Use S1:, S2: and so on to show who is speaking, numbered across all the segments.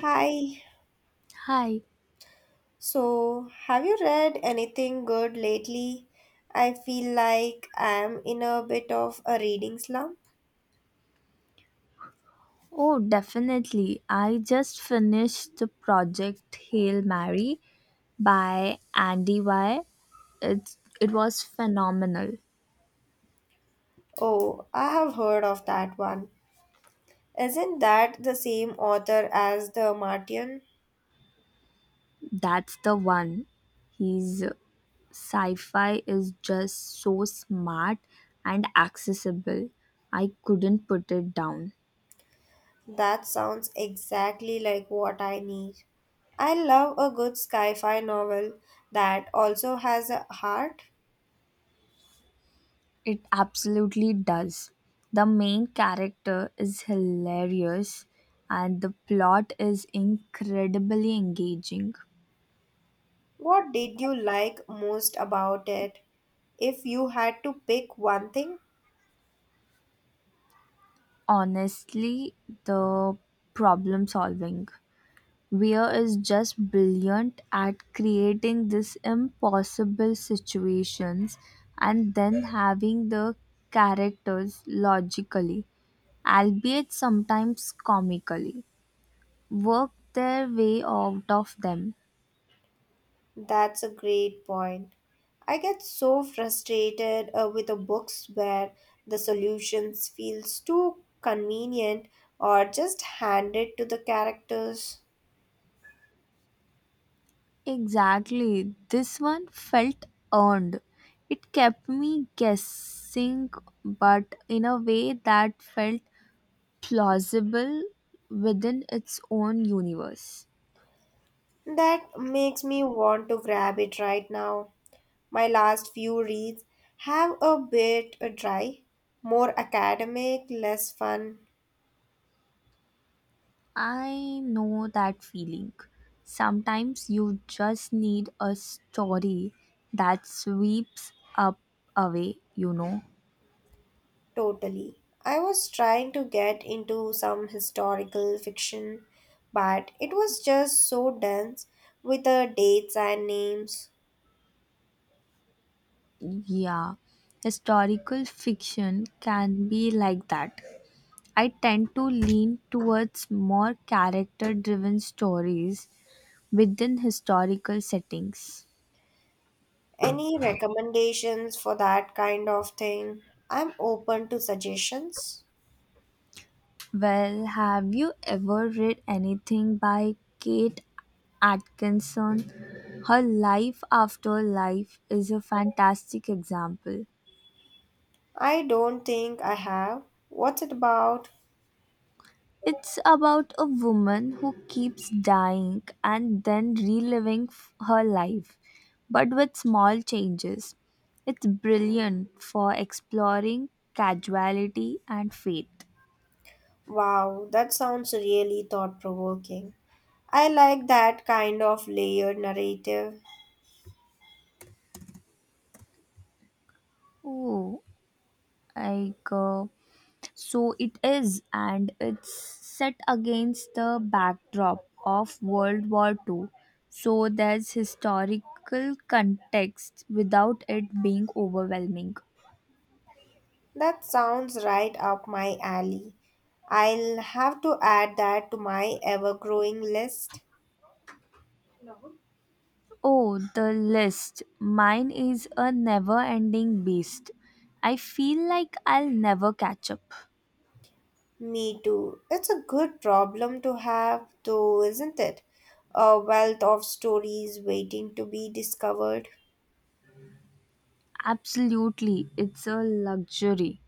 S1: Hi.
S2: Hi.
S1: So, have you read anything good lately? I feel like I'm in a bit of a reading slump.
S2: Oh, definitely. I just finished the project Hail Mary by Andy Y. It was phenomenal.
S1: Oh, I have heard of that one. Isn't that the same author as The Martian?
S2: That's the one. His sci-fi is just so smart and accessible. I couldn't put it down.
S1: That sounds exactly like what I need. I love a good sci-fi novel that also has a heart.
S2: It absolutely does. The main character is hilarious and the plot is incredibly engaging.
S1: What did you like most about it? If you had to pick one thing?
S2: Honestly, the problem solving, weir is just brilliant at creating these impossible situations and then having the characters logically, albeit sometimes comically, work their way out of them.
S1: That's a great point. I get so frustrated with the books where the solutions feels too convenient or just handed to the characters.
S2: Exactly, this one felt earned. It kept me guessing, but in a way that felt plausible within its own universe.
S1: That makes me want to grab it right now. My last few reads have a bit dry, more academic, less fun.
S2: I know that feeling. Sometimes you just need a story that sweeps up away.
S1: Totally. I was trying to get into some historical fiction, but it was just so dense with the dates and names.
S2: Yeah, historical fiction can be like that. I tend to lean towards more character driven stories within historical settings.
S1: Any recommendations for that kind of thing? I'm open to suggestions.
S2: Well, have you ever read anything by Kate Atkinson? Her Life After Life is a fantastic example.
S1: I don't think I have. What's it about?
S2: It's about a woman who keeps dying and then reliving her life, but with small changes. It's brilliant for exploring casuality and fate.
S1: Wow, that sounds really thought provoking. I like that kind of layered narrative.
S2: Oh, like. Uh, so it is, and it's set against the backdrop of World War Two, so there's historical context without it being overwhelming.
S1: That sounds right up my alley. I'll have to add that to my ever growing list.
S2: Oh, the list. Mine is a never ending beast. I feel like I'll never catch up.
S1: Me too. It's a good problem to have, though, isn't it? A wealth of stories waiting to be discovered.
S2: Absolutely, it's a luxury.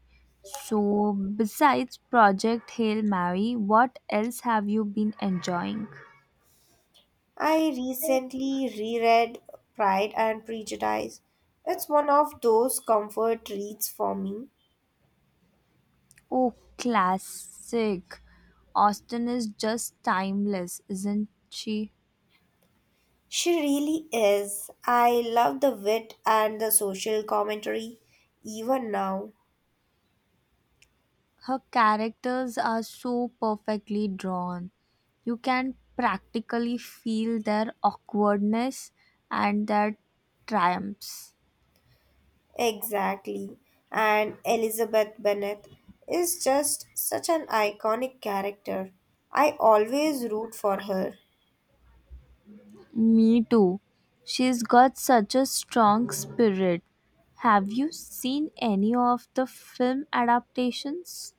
S2: So, besides Project Hail Mary, what else have you been enjoying?
S1: I recently reread Pride and Prejudice. It's one of those comfort reads for me.
S2: Oh, classic. Austen is just timeless, isn't she?
S1: She really is. I love the wit and the social commentary, even now.
S2: Her characters are so perfectly drawn. You can practically feel their awkwardness and their triumphs.
S1: Exactly. And Elizabeth Bennet is just such an iconic character. I always root for her.
S2: Me too. She's got such a strong spirit. Have you seen any of the film adaptations?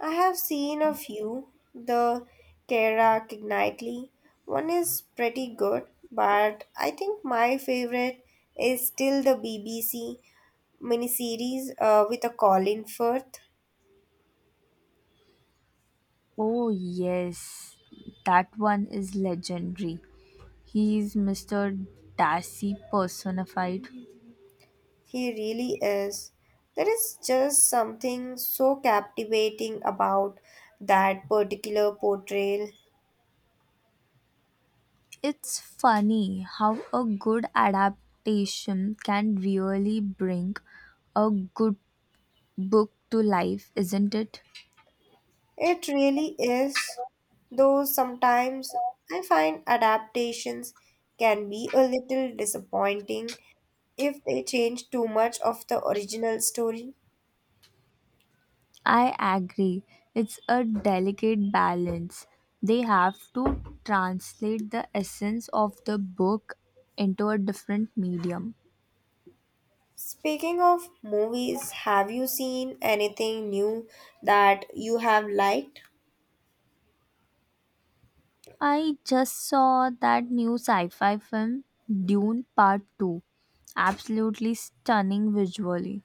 S1: I have seen a few, the Kara Knightley. One is pretty good, but I think my favorite is still the BBC miniseries with a Colin Firth.
S2: Oh, yes, that one is legendary. He is Mr. Darcy personified.
S1: He really is. There is just something so captivating about that particular portrayal.
S2: It's funny how a good adaptation can really bring a good book to life, isn't it?
S1: It really is. Though sometimes I find adaptations can be a little disappointing if they change too much of the original story.
S2: I agree. It's a delicate balance. They have to translate the essence of the book into a different medium.
S1: Speaking of movies, have you seen anything new that you have liked?
S2: I just saw that new sci fi film, Dune Part 2. Absolutely stunning visually.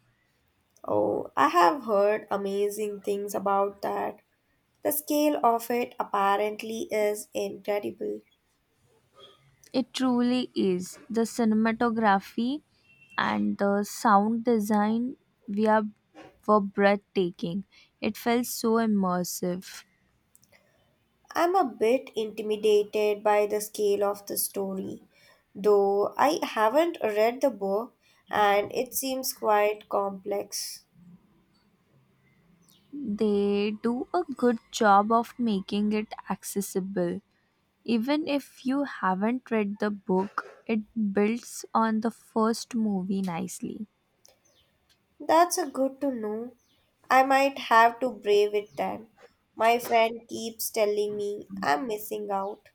S1: Oh, I have heard amazing things about that. The scale of it apparently is incredible.
S2: It truly is. The cinematography and the sound design we are, were breathtaking. It felt so immersive.
S1: I'm a bit intimidated by the scale of the story, though I haven't read the book and it seems quite complex.
S2: They do a good job of making it accessible. Even if you haven't read the book, it builds on the first movie nicely.
S1: That's a good to know. I might have to brave it then. My friend keeps telling me I'm missing out.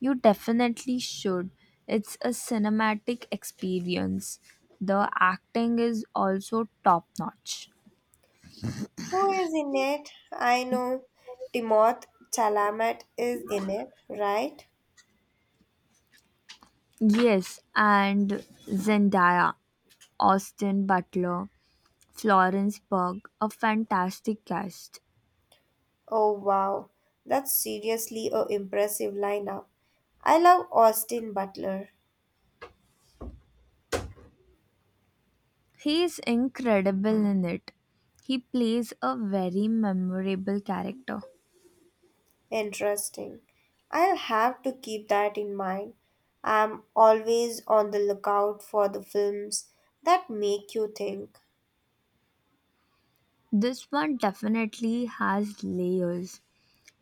S2: You definitely should. It's a cinematic experience. The acting is also top notch.
S1: Who is in it? I know Timoth Chalamet is in it, right?
S2: Yes, and Zendaya, Austin Butler, Florence Pugh, a fantastic cast.
S1: Oh wow, that's seriously a impressive lineup. I love Austin Butler.
S2: He is incredible in it. He plays a very memorable character.
S1: Interesting. I'll have to keep that in mind. I'm always on the lookout for the films that make you think.
S2: This one definitely has layers.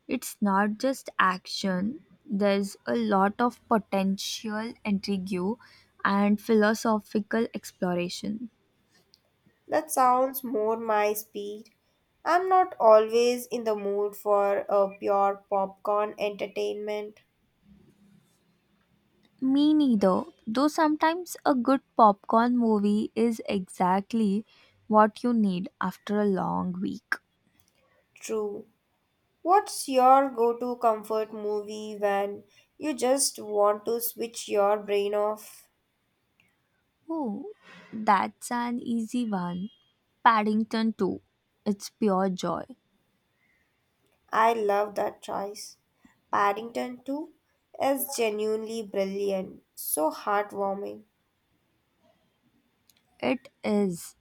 S2: It's not just action, there's a lot of potential intrigue and philosophical exploration.
S1: That sounds more my speed. I'm not always in the mood for a pure popcorn entertainment.
S2: Me neither, though sometimes a good popcorn movie is exactly what you need after a long week.
S1: True. What's your go to comfort movie when you just want to switch your brain off?
S2: Oh, that's an easy one. Paddington 2. It's pure joy.
S1: I love that choice. Paddington 2 is genuinely brilliant, so heartwarming.
S2: It is.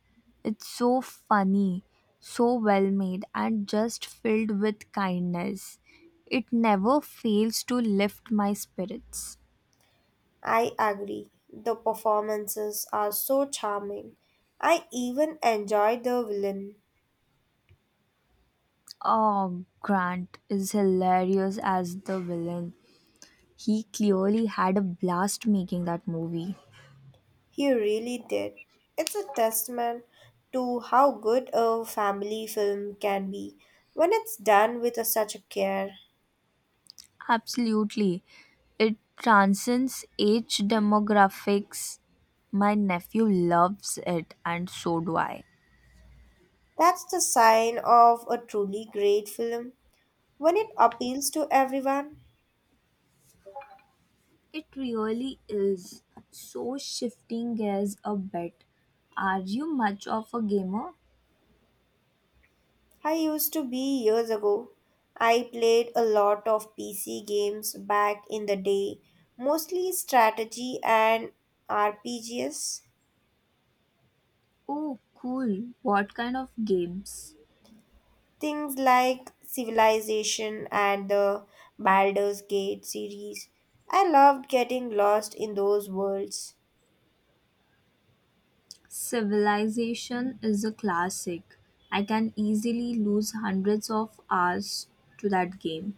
S2: It's so funny, so well made, and just filled with kindness. It never fails to lift my spirits.
S1: I agree. The performances are so charming. I even enjoyed the villain.
S2: Oh, Grant is hilarious as the villain. He clearly had a blast making that movie.
S1: He really did. It's a testament to how good a family film can be when it's done with such a care.
S2: Absolutely. It transcends age demographics. My nephew loves it, and so do I.
S1: That's the sign of a truly great film when it appeals to everyone.
S2: It really is. So, shifting gears a bit, are you much of a gamer?
S1: I used to be years ago. I played a lot of PC games back in the day, mostly strategy and RPGs.
S2: Oh, cool. What kind of games?
S1: Things like Civilization and the Baldur's Gate series. I loved getting lost in those worlds.
S2: Civilization is a classic. I can easily lose hundreds of hours to that game.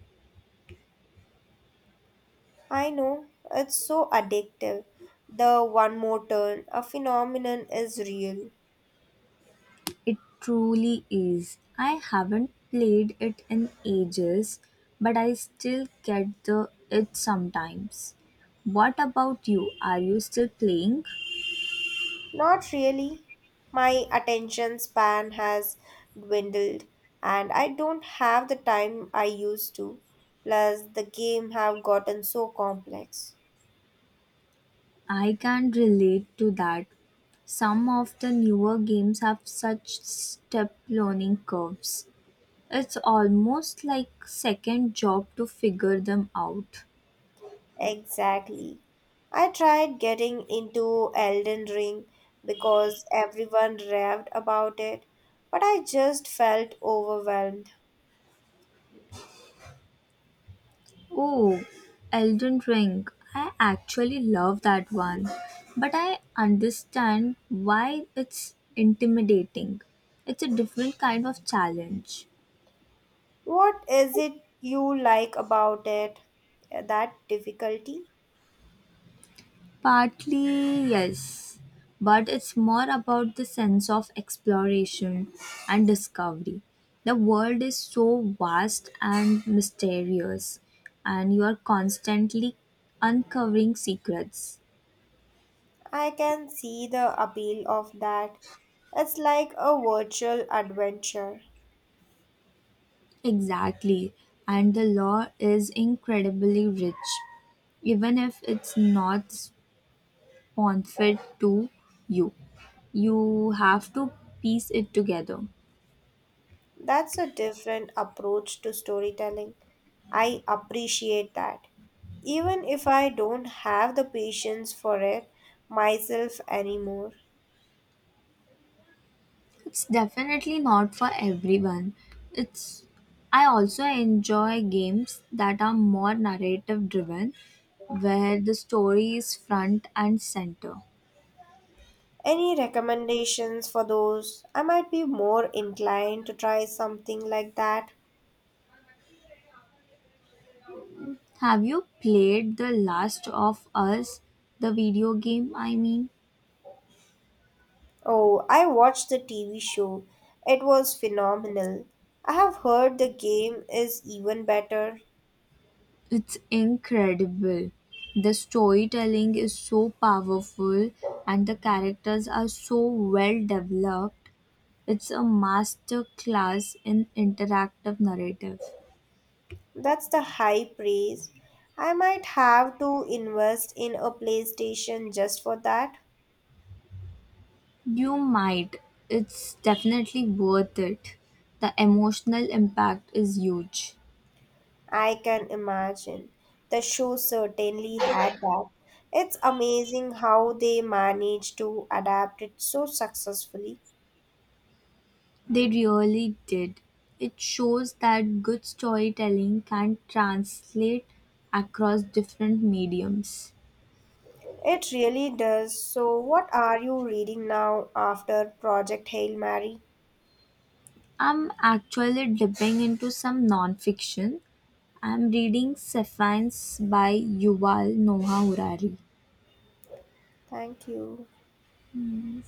S1: I know, it's so addictive. The one more turn, a phenomenon is real.
S2: It truly is. I haven't played it in ages, but I still get the itch sometimes. What about you? Are you still playing?
S1: Not really. My attention span has dwindled and I don't have the time I used to. Plus the game have gotten so complex.
S2: I can relate to that. Some of the newer games have such step learning curves. It's almost like second job to figure them out.
S1: Exactly. I tried getting into Elden Ring because everyone raved about it, but I just felt overwhelmed.
S2: Oh, Elden Ring. I actually love that one, but I understand why it's intimidating. It's a different kind of challenge.
S1: What is it you like about it? That difficulty?
S2: Partly, yes, but it's more about the sense of exploration and discovery. The world is so vast and mysterious, and you are constantly uncovering secrets.
S1: I can see the appeal of that. It's like a virtual adventure.
S2: Exactly, and the law is incredibly rich, even if it's not sponsored to you. You have to piece it together.
S1: That's a different approach to storytelling. I appreciate that. Even if I don't have the patience for it myself anymore.
S2: It's definitely not for everyone. It's I also enjoy games that are more narrative driven where the story is front and center.
S1: Any recommendations for those? I might be more inclined to try something like that.
S2: Have you played The Last of Us, the video game?
S1: Oh, I watched the TV show. It was phenomenal. I have heard the game is even better.
S2: It's incredible. The storytelling is so powerful and the characters are so well developed. It's a master class in interactive narrative.
S1: That's the high praise. I might have to invest in a PlayStation just for that.
S2: You might. It's definitely worth it. The emotional impact is huge.
S1: I can imagine. The show certainly had that. It's amazing how they managed to adapt it so successfully.
S2: They really did. It shows that good storytelling can translate across different mediums.
S1: It really does. So, what are you reading now after Project Hail Mary?
S2: I'm actually dipping into some nonfiction. I'm reading Sapiens by Yuval Noah Harari.
S1: Thank you.